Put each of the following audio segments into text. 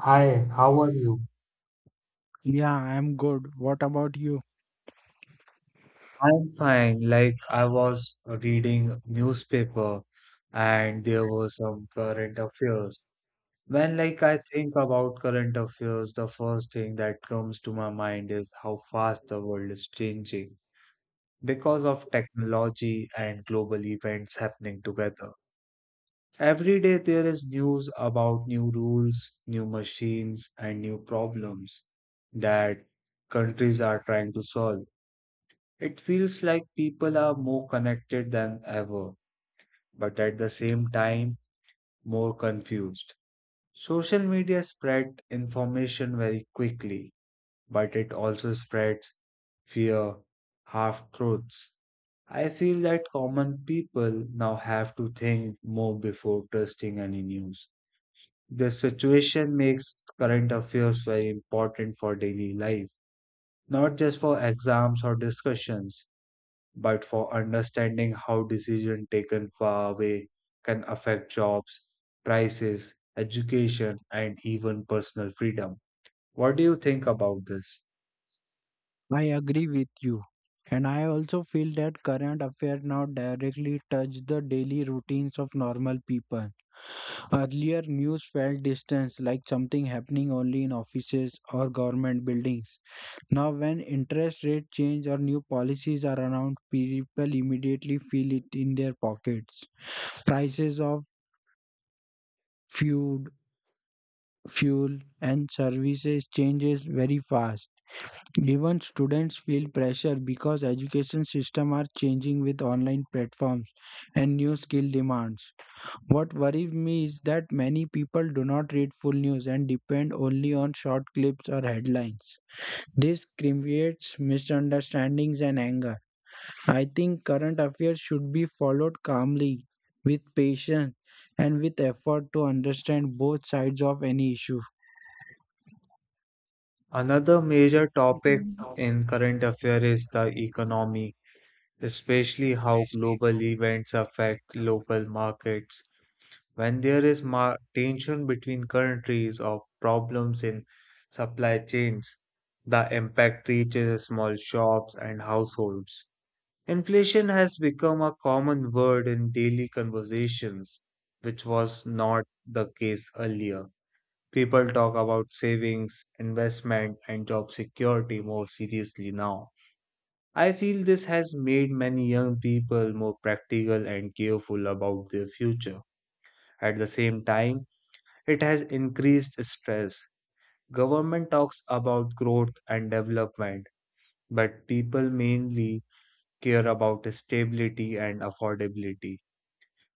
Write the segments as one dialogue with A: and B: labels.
A: Hi, how are you?
B: Yeah, I'm good. What about you?
A: I'm fine. Like I was reading newspaper and there were some current affairs. When like I think about current affairs, the first thing that comes to my mind is how fast the world is changing because of technology and global events happening together. Every day there is news about new rules, new machines, and new problems that countries are trying to solve. It feels like people are more connected than ever, but at the same time, more confused. Social media spread information very quickly, but it also spreads fear, half truths. I feel that common people now have to think more before trusting any news. This situation makes current affairs very important for daily life, not just for exams or discussions, but for understanding how decision taken far away can affect jobs, prices, education, and even personal freedom. What do you think about this?
B: I agree with you. And I also feel that current affairs now directly touch the daily routines of normal people. Earlier, news felt distant, like something happening only in offices or government buildings. Now, when interest rate change or new policies are announced, people immediately feel it in their pockets. Prices of food, fuel, and services changes very fast. Even students feel pressure because education system are changing with online platforms and new skill demands. What worries me is that many people do not read full news and depend only on short clips or headlines. This creates misunderstandings and anger. I think current affairs should be followed calmly, with patience, and with effort to understand both sides of any issue.
A: Another major topic in current affair is the economy, especially how global events affect local markets. When there is tension between countries or problems in supply chains, the impact reaches small shops and households. Inflation has become a common word in daily conversations, which was not the case earlier. People talk about savings, investment, and job security more seriously now. I feel this has made many young people more practical and careful about their future. At the same time, it has increased stress. Government talks about growth and development, but people mainly care about stability and affordability.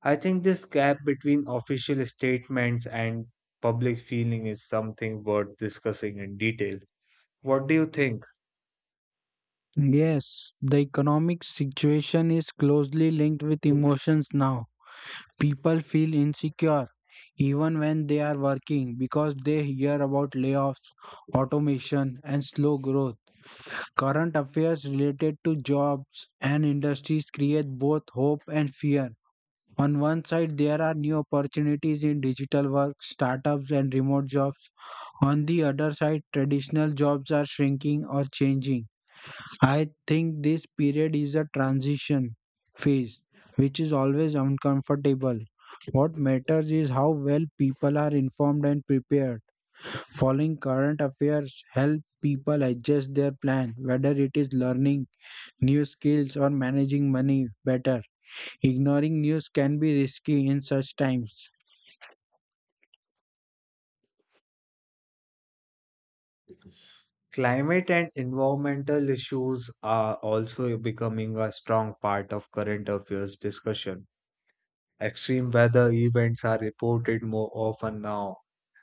A: I think this gap between official statements and public feeling is something worth discussing in detail. What do you think?
B: Yes, the economic situation is closely linked with emotions now. People feel insecure even when they are working because they hear about layoffs, automation, and slow growth. Current affairs related to jobs and industries create both hope and fear. On one side, there are new opportunities in digital work, startups, and remote jobs. On the other side, traditional jobs are shrinking or changing. I think this period is a transition phase, which is always uncomfortable. What matters is how well people are informed and prepared. Following current affairs help people adjust their plan, whether it is learning new skills or managing money better. Ignoring news can be risky in such times.
A: Climate and environmental issues are also becoming a strong part of current affairs discussion. Extreme weather events are reported more often now,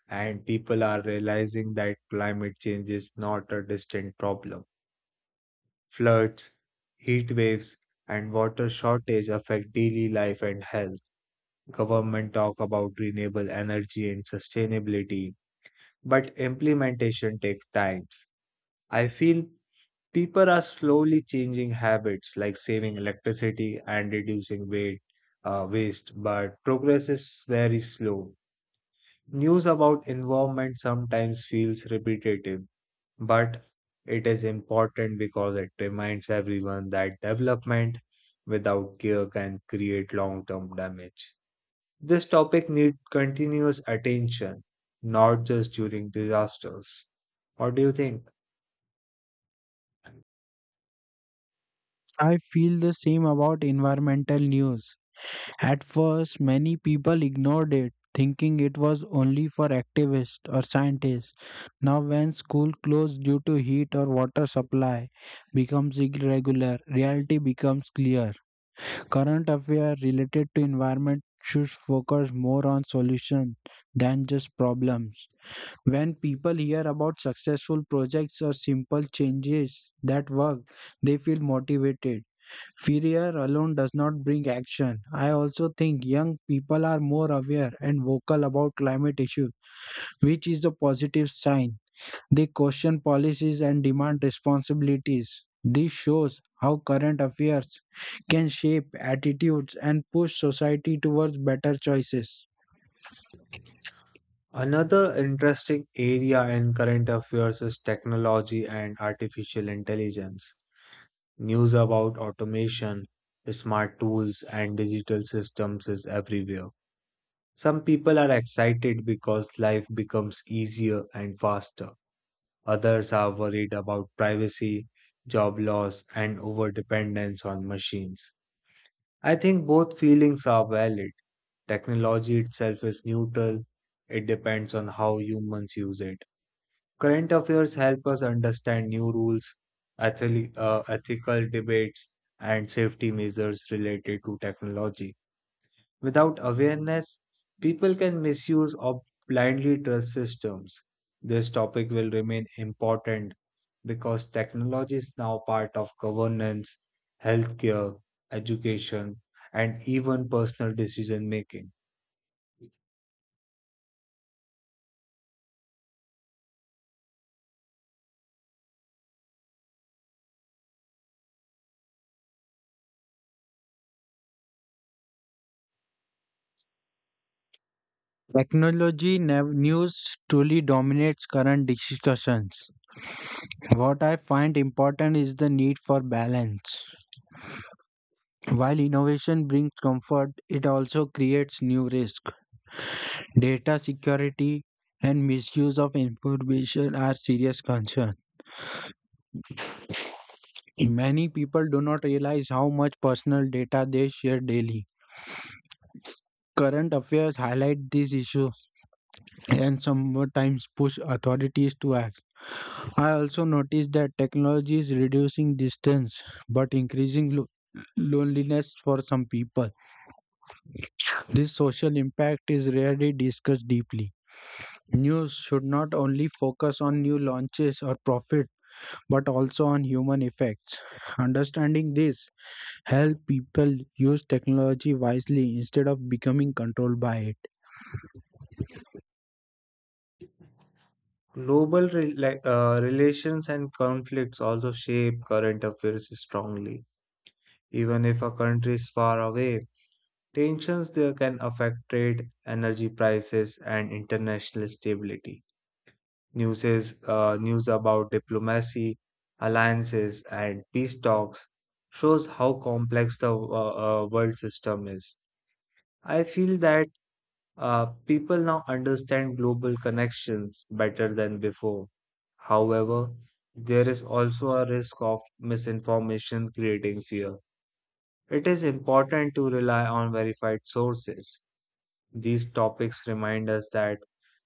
A: and people are realizing that climate change is not a distant problem. Floods, heat waves, and water shortage affect daily life and health. Government talk about renewable energy and sustainability, but implementation takes times. I feel people are slowly changing habits like saving electricity and reducing weight, waste, but progress is very slow. News about environment sometimes feels repetitive, but it is important because it reminds everyone that development without care can create long-term damage. This topic needs continuous attention, not just during disasters. What do you think?
B: I feel the same about environmental news. At first, many people ignored it, thinking it was only for activists or scientists. Now, when school closed due to heat or water supply becomes irregular, reality becomes clear. Current affairs related to environment should focus more on solutions than just problems. When people hear about successful projects or simple changes that work, they feel motivated. Fear alone does not bring action. I also think young people are more aware and vocal about climate issues, which is a positive sign. They question policies and demand responsibilities. This shows how current affairs can shape attitudes and push society towards better choices.
A: Another interesting area in current affairs is technology and artificial intelligence. News about automation, smart tools, and digital systems is everywhere. Some people are excited because life becomes easier and faster. Others are worried about privacy, job loss, and overdependence on machines. I think both feelings are valid. Technology itself is neutral, it depends on how humans use it. Current affairs help us understand new rules, ethical debates, and safety measures related to technology. Without awareness, people can misuse or blindly trust systems. This topic will remain important because technology is now part of governance, healthcare, education, and even personal decision making.
B: Technology news truly dominates current discussions. What I find important is the need for balance. While innovation brings comfort, it also creates new risks. Data security and misuse of information are serious concerns. Many people do not realize how much personal data they share daily. Current affairs highlight these issues and sometimes push authorities to act. I also noticed that technology is reducing distance but increasing loneliness for some people. This social impact is rarely discussed deeply. News should not only focus on new launches or profit, but also on human effects. Understanding this help people use technology wisely instead of becoming controlled by it.
A: Global relations and conflicts also shape current affairs strongly. Even if a country is far away, tensions there can affect trade, energy prices, and international stability. News about diplomacy, alliances, and peace talks shows how complex the world system is. I feel that people now understand global connections better than before. However, there is also a risk of misinformation creating fear. It is important to rely on verified sources. These topics remind us that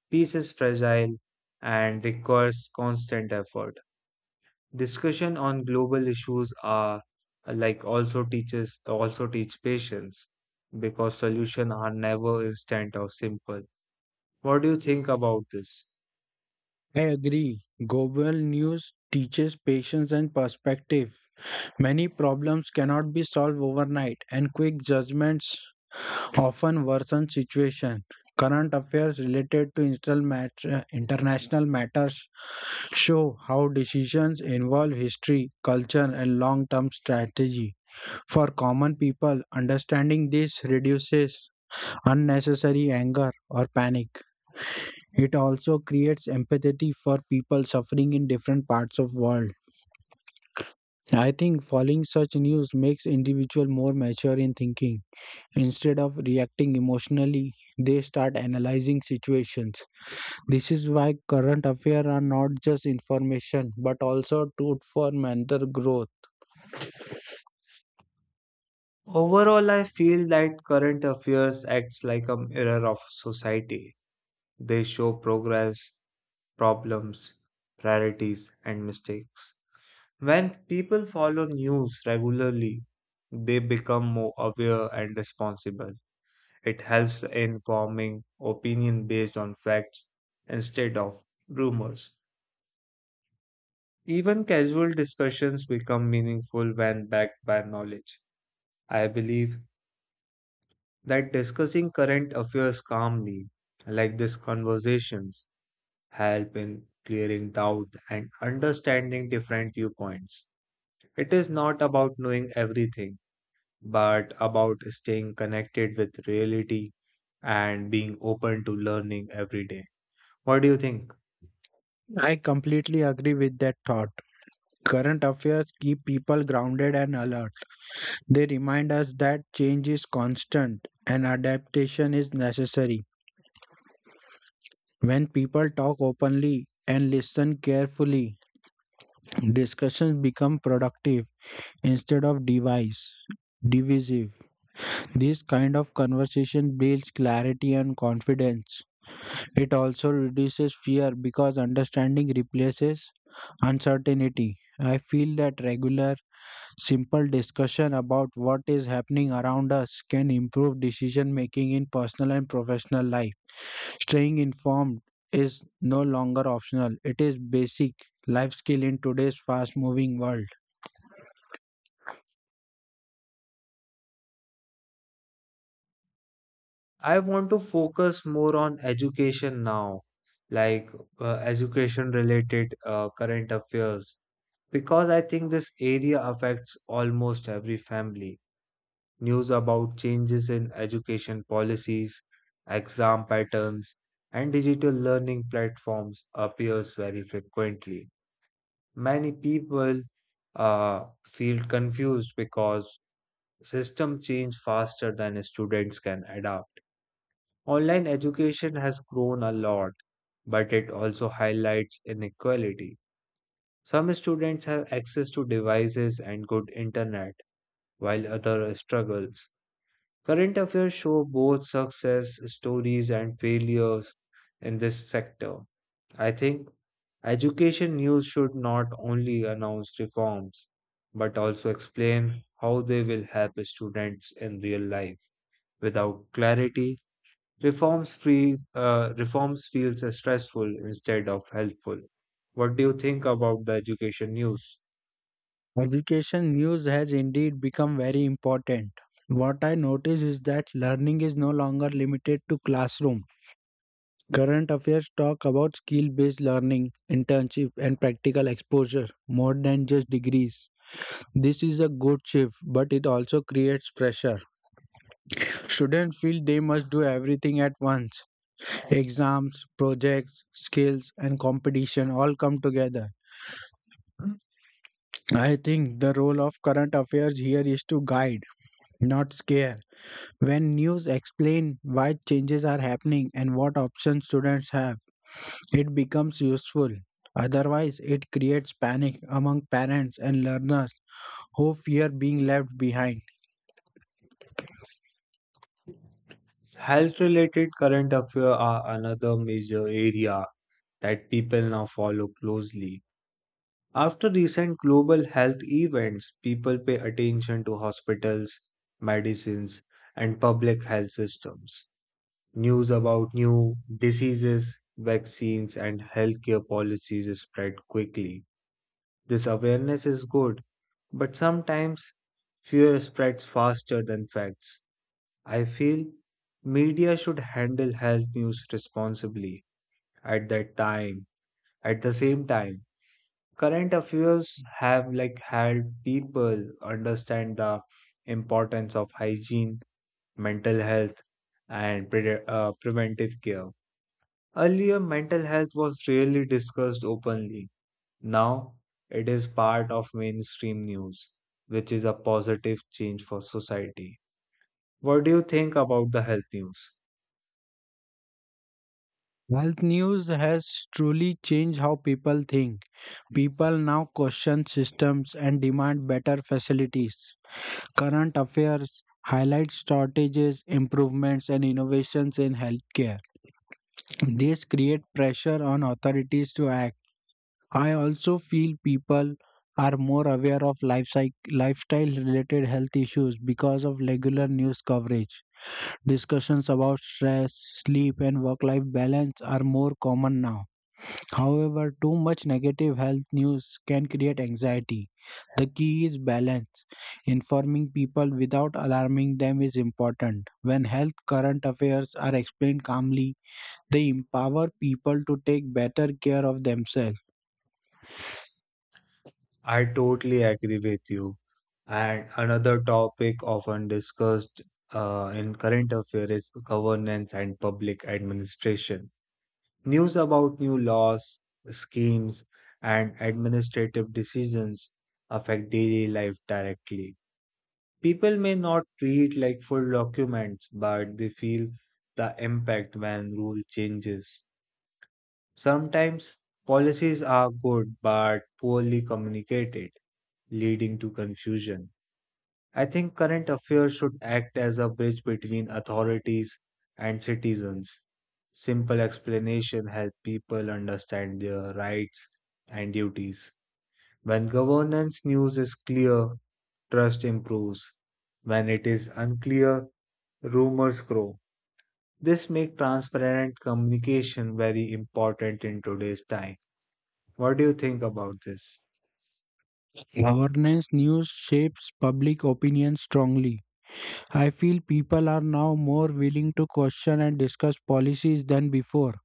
A: peace is fragile and requires constant effort. Discussion on global issues are like also teach patience because solutions are never instant or simple. What do you think about this?
B: I agree. Global news teaches patience and perspective. Many problems cannot be solved overnight, and quick judgments often worsen situation. Current affairs related to international matters show how decisions involve history, culture, and long term strategy. For common people, understanding this reduces unnecessary anger or panic. It also creates empathy for people suffering in different parts of world. I think following such news makes individual more mature in thinking. Instead of reacting emotionally, they start analyzing situations. This is why current affairs are not just information but also tool for mental growth.
A: Overall, I feel that current affairs acts like a mirror of society. They show progress, problems, priorities, and mistakes. When people follow news regularly, they become more aware and responsible. It helps in forming opinion based on facts instead of rumors. Even casual discussions become meaningful when backed by knowledge. I believe that discussing current affairs calmly, like these conversations, help in clearing doubt and understanding different viewpoints. It is not about knowing everything, but about staying connected with reality and being open to learning every day. What do you think?
B: I completely agree with that thought. Current affairs keep people grounded and alert. They remind us that change is constant and adaptation is necessary. When people talk openly and listen carefully, discussions become productive instead of device divisive This kind of conversation builds clarity and confidence. It also reduces fear because understanding replaces uncertainty. I feel that regular, simple discussion about what is happening around us can improve decision making in personal and professional life. Staying informed is no longer optional, it is basic life skill in today's fast moving world.
A: I want to focus more on education now, like education related current affairs, because I think this area affects almost every family. News about changes in education policies, exam patterns, and digital learning platforms appears very frequently. Many people feel confused because system change faster than students can adapt. Online education has grown a lot, but it also highlights inequality. Some students have access to devices and good internet, while others struggles. Current affairs show both success stories and failures in this sector. I think education news should not only announce reforms, but also explain how they will help students in real life. Without clarity, reforms feels stressful instead of helpful. What do you think about the education news?
B: Education news has indeed become very important. What I notice is that learning is no longer limited to classroom. Current affairs talk about skill based learning, internship, and practical exposure more than just degrees. This is a good shift, but it also creates pressure. Students feel they must do everything at once. Exams, projects, skills, and competition all come together. I think the role of current affairs here is to guide, not scare. When news explain why changes are happening and what options students have, it becomes useful. Otherwise, it creates panic among parents and learners who fear being left behind.
A: Health related current affairs are another major area that people now follow closely. After recent global health events, people pay attention to hospitals, medicines, and public health systems. News about new diseases, vaccines, and healthcare policies spread quickly. This awareness is good, but sometimes fear spreads faster than facts. I feel media should handle health news responsibly at that time. At the same time, current affairs have had people understand the importance of hygiene, mental health, and preventive care. Earlier, mental health was rarely discussed openly. Now it is part of mainstream news, which is a positive change for society. What do you think about the health news?
B: Health news has truly changed how people think. People now question systems and demand better facilities. Current affairs highlight shortages, improvements, and innovations in healthcare. This creates pressure on authorities to act. I also feel people are more aware of lifestyle related health issues because of regular news coverage. Discussions about stress, sleep, and work life balance are more common now. However, too much negative health news can create anxiety. The key is balance. Informing people without alarming them is important. When health current affairs are explained calmly, they empower people to take better care of themselves.
A: I totally agree with you. And another topic often discussed in current affairs is governance and public administration. News about new laws, schemes, and administrative decisions affect daily life directly. People may not treat like full documents, but they feel the impact when rule changes. Sometimes policies are good but poorly communicated, leading to confusion. I think current affairs should act as a bridge between authorities and citizens. Simple explanation help people understand their rights and duties. When governance news is clear, trust improves. When it is unclear, rumors grow. This makes transparent communication very important in today's time. What do you think about this?
B: Governance news shapes public opinion strongly. I feel people are now more willing to question and discuss policies than before.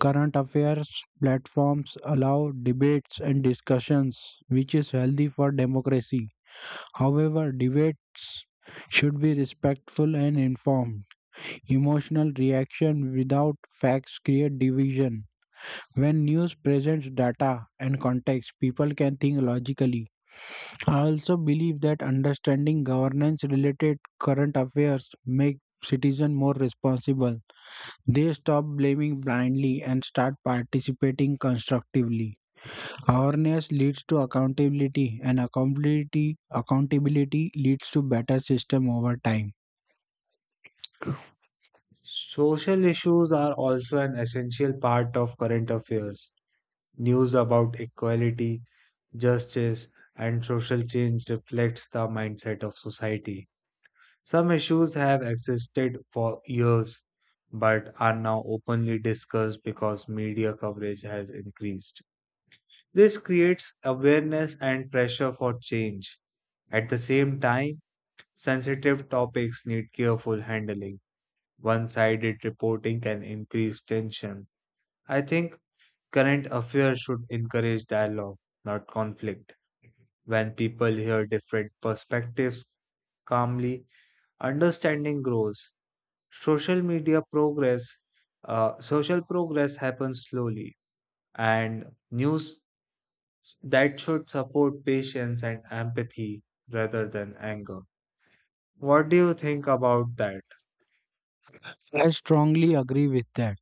B: Current affairs platforms allow debates and discussions, which is healthy for democracy. However, debates should be respectful and informed. Emotional reaction without facts create division. When news presents data and context, people can think logically. I also believe that understanding governance related current affairs make citizens more responsible. They stop blaming blindly and start participating constructively. Awareness leads to accountability, and accountability leads to better system over time.
A: Social issues are also an essential part of current affairs. News about equality, justice, and social change reflects the mindset of society. Some issues have existed for years but are now openly discussed because media coverage has increased. This creates awareness and pressure for change. At the same time, sensitive topics need careful handling. One sided reporting can increase tension. I think current affairs should encourage dialogue, not conflict. When people hear different perspectives calmly, understanding grows. Social media progress, Social progress happens slowly, and news that should support patience and empathy rather than anger. What do you think about that?
B: I strongly agree with that.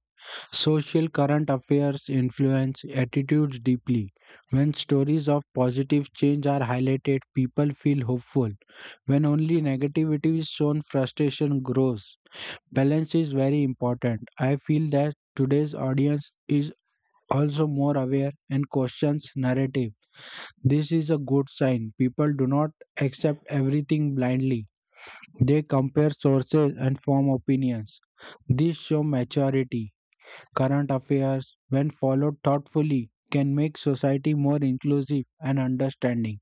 B: Social current affairs influence attitudes deeply. When stories of positive change are highlighted, people feel hopeful. When only negativity is shown, frustration grows. Balance is very important. I feel that today's audience is also more aware and questions narrative. This is a good sign. People do not accept everything blindly. They compare sources and form opinions. This show maturity. Current affairs, when followed thoughtfully, can make society more inclusive and understanding.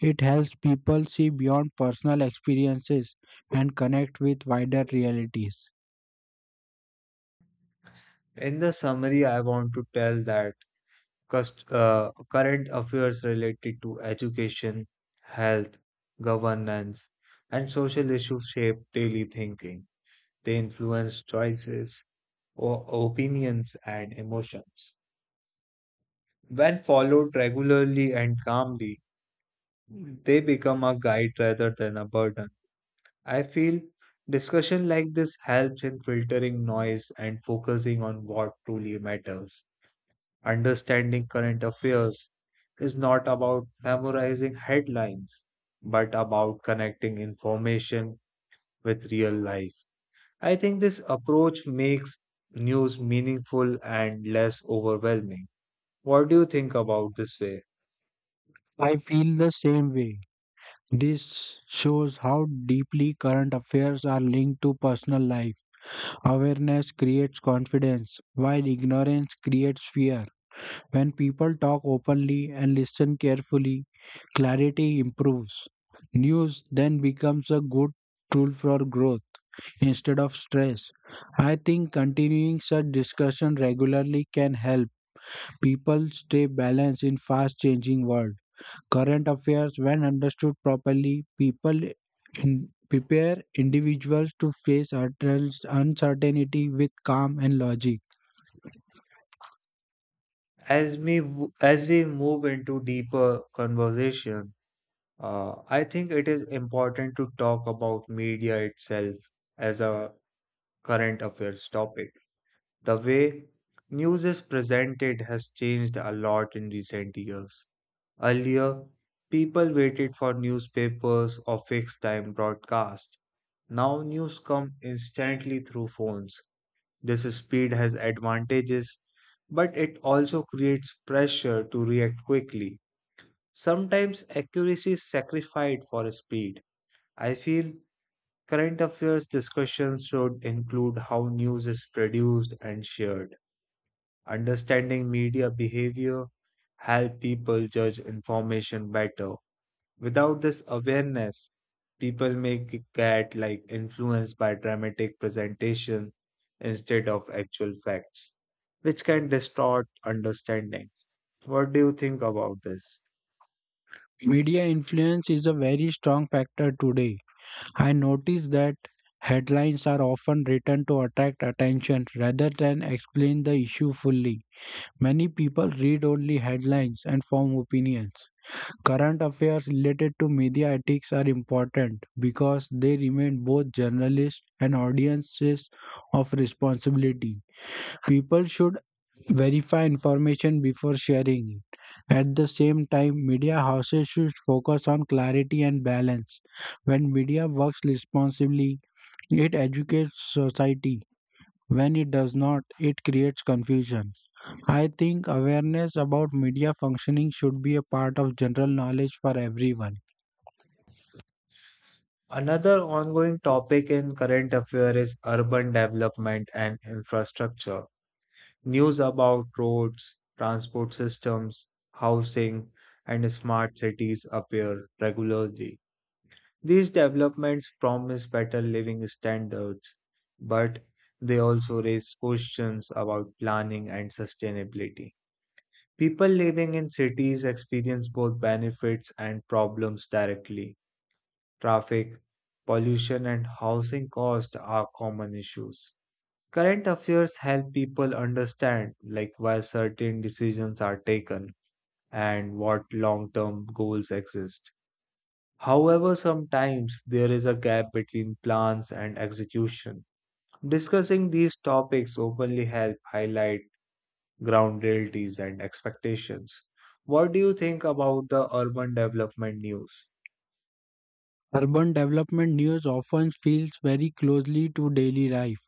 B: It helps people see beyond personal experiences and connect with wider realities.
A: In the summary, I want to tell that current affairs related to education, health, governance, and social issues shape daily thinking. They influence choices, opinions, and emotions. When followed regularly and calmly, they become a guide rather than a burden. I feel discussion like this helps in filtering noise and focusing on what truly matters. Understanding current affairs is not about memorizing headlines, but about connecting information with real life. I think this approach makes news meaningful and less overwhelming. What do you think about this way?
B: I feel the same way. This shows how deeply current affairs are linked to personal life. Awareness creates confidence, while ignorance creates fear. When people talk openly and listen carefully, clarity improves. News then becomes a good tool for growth instead of stress. I think continuing such discussion regularly can help people stay balanced in fast changing world. Current affairs when understood properly, people in prepare individuals to face uncertainty with calm and logic.
A: As we, as we move into deeper conversation, I think it is important to talk about media itself as a current affairs topic. The way news is presented has changed a lot in recent years. Earlier, people waited for newspapers or fixed time broadcast. Now news come instantly through phones. This speed has advantages, but it also creates pressure to react quickly. Sometimes accuracy is sacrificed for speed. I feel current affairs discussions should include how news is produced and shared. Understanding media behavior help people judge information better. Without this awareness, people may get like influenced by dramatic presentation instead of actual facts, which can distort understanding. What do you think about this?
B: Media influence is a very strong factor today. I notice that headlines are often written to attract attention rather than explain the issue fully. Many people read only headlines and form opinions. Current affairs related to media ethics are important because they remind both journalists and audiences of responsibility. People should verify information before sharing it. At the same time, media houses should focus on clarity and balance. When media works responsibly, it educates society. When it does not, it creates confusion. I think awareness about media functioning should be a part of general knowledge for everyone.
A: Another ongoing topic in current affairs is urban development and infrastructure. News about roads, transport systems, housing, and smart cities appear regularly. These developments promise better living standards, but they also raise questions about planning and sustainability. People living in cities experience both benefits and problems directly. Traffic, pollution, and housing costs are common issues. Current affairs help people understand like why certain decisions are taken and what long-term goals exist. However, sometimes there is a gap between plans and execution. Discussing these topics openly help highlight ground realities and expectations. What do you think about the urban development news?
B: Urban development news often feels very closely to daily life.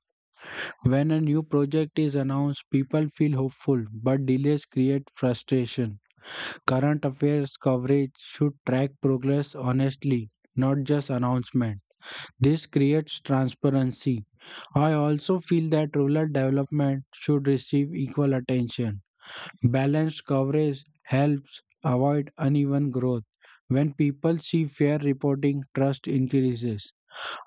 B: When a new project is announced, people feel hopeful, but delays create frustration. Current affairs coverage should track progress honestly, not just announcement. This creates transparency. I also feel that rural development should receive equal attention. Balanced coverage helps avoid uneven growth. When people see fair reporting, trust increases.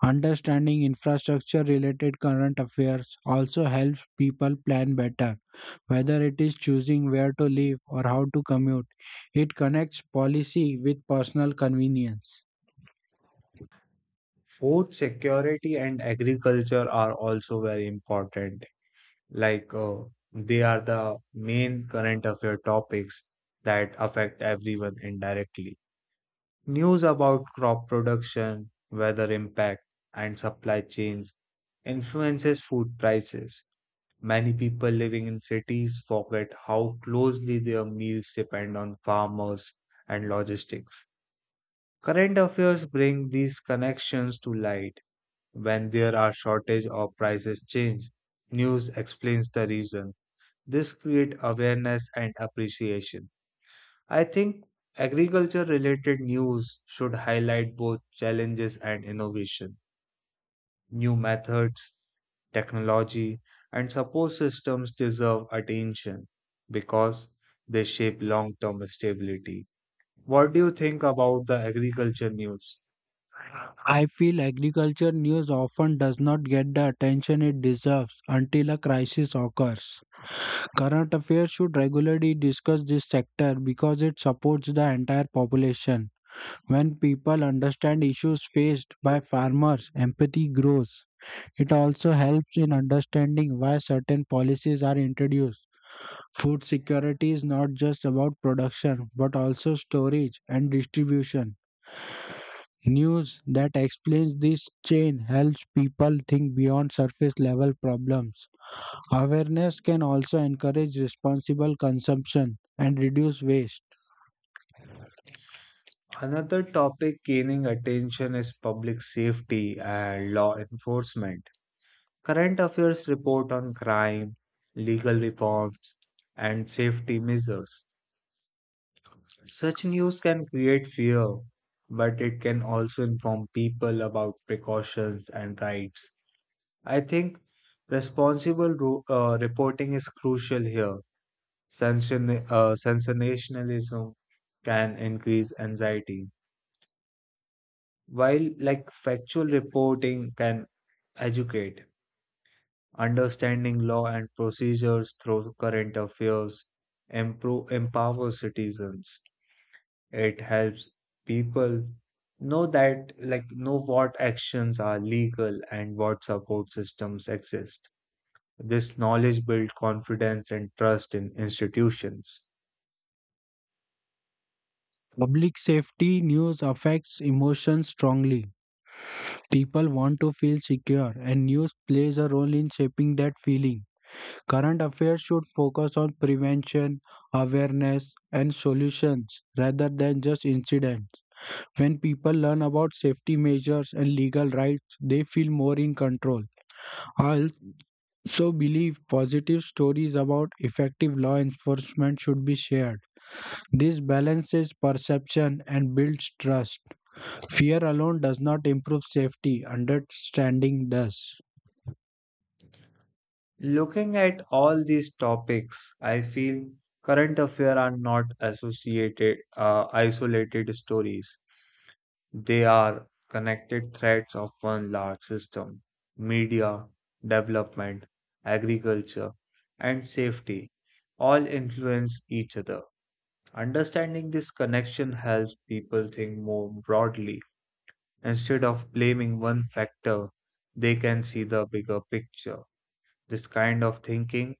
B: Understanding infrastructure related current affairs also helps people plan better. Whether it is choosing where to live or how to commute, it connects policy with personal convenience.
A: Food security and agriculture are also very important. Like they are the main current affair topics that affect everyone indirectly. News about crop production, weather impact, and supply chains influences food prices. Many people living in cities forget how closely their meals depend on farmers and logistics. Current affairs bring these connections to light when there are shortage or prices change, news explains the reason. This create awareness and appreciation. I think agriculture related news should highlight both challenges and innovation. New methods, technology, and support systems deserve attention because they shape long term stability. What do you think about the agriculture news?
B: I feel agriculture news often does not get the attention it deserves until a crisis occurs. Current affairs should regularly discuss this sector because it supports the entire population. When people understand issues faced by farmers, empathy grows. It also helps in understanding why certain policies are introduced. Food security is not just about production but also storage and distribution. News that explains this chain helps people think beyond surface level problems. Awareness can also encourage responsible consumption and reduce waste.
A: Another topic gaining attention is public safety and law enforcement. Current affairs report on crime, legal reforms, and safety measures. Such news can create fear, but it can also inform people about precautions and rights. I think responsible reporting is crucial here. Sensationalism can increase anxiety while like factual reporting can educate, understanding law and procedures through current affairs empowers citizens. It helps people know that like know what actions are legal and what support systems exist. This knowledge builds confidence and trust in institutions.
B: Public safety news affects emotions strongly. People want to feel secure, and news plays a role in shaping that feeling. Current affairs should focus on prevention, awareness, and solutions rather than just incidents. When people learn about safety measures and legal rights, they feel more in control. I also believe positive stories about effective law enforcement should be shared. This balances perception and builds trust. Fear alone does not improve safety, understanding does.
A: Looking at all these topics, I feel current affairs are not associated, isolated stories. They are connected threads of one large system media, development, agriculture, and safety all influence each other. Understanding this connection helps people think more broadly. Instead of blaming one factor, they can see the bigger picture. This kind of thinking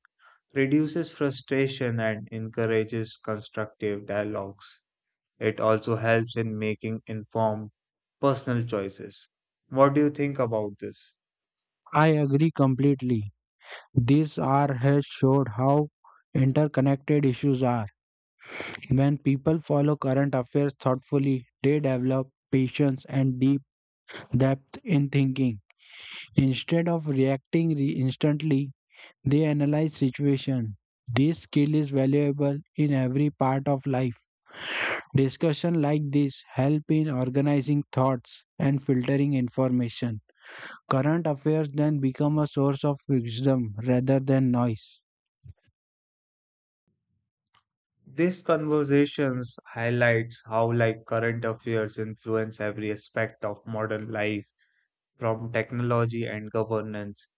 A: reduces frustration and encourages constructive dialogues. It also helps in making informed personal choices. What do you think about this?
B: I agree completely. This hour has showed how interconnected issues are. When people follow current affairs thoughtfully, they develop patience and deep depth in thinking. Instead of reacting instantly, they analyze situation. This skill is valuable in every part of life. Discussion like this help in organizing thoughts and filtering information. Current affairs then become a source of wisdom rather than noise.
A: These conversations highlights how like current affairs influence every aspect of modern life from technology and governance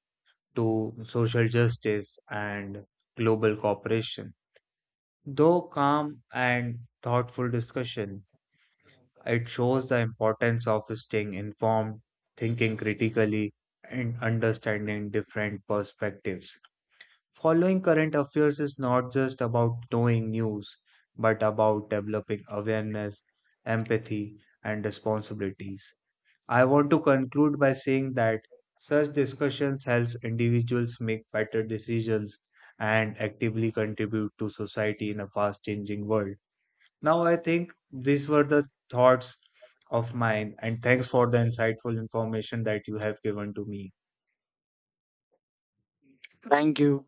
A: to social justice and global cooperation. Though calm and thoughtful discussion it shows the importance of staying informed, thinking critically, and understanding different perspectives. Following current affairs is not just about knowing news, but about developing awareness, empathy, and responsibilities. I want to conclude by saying that such discussions help individuals make better decisions and actively contribute to society in a fast changing world. Now I think these were the thoughts of mine, and thanks for the insightful information that you have given to me.
B: Thank you.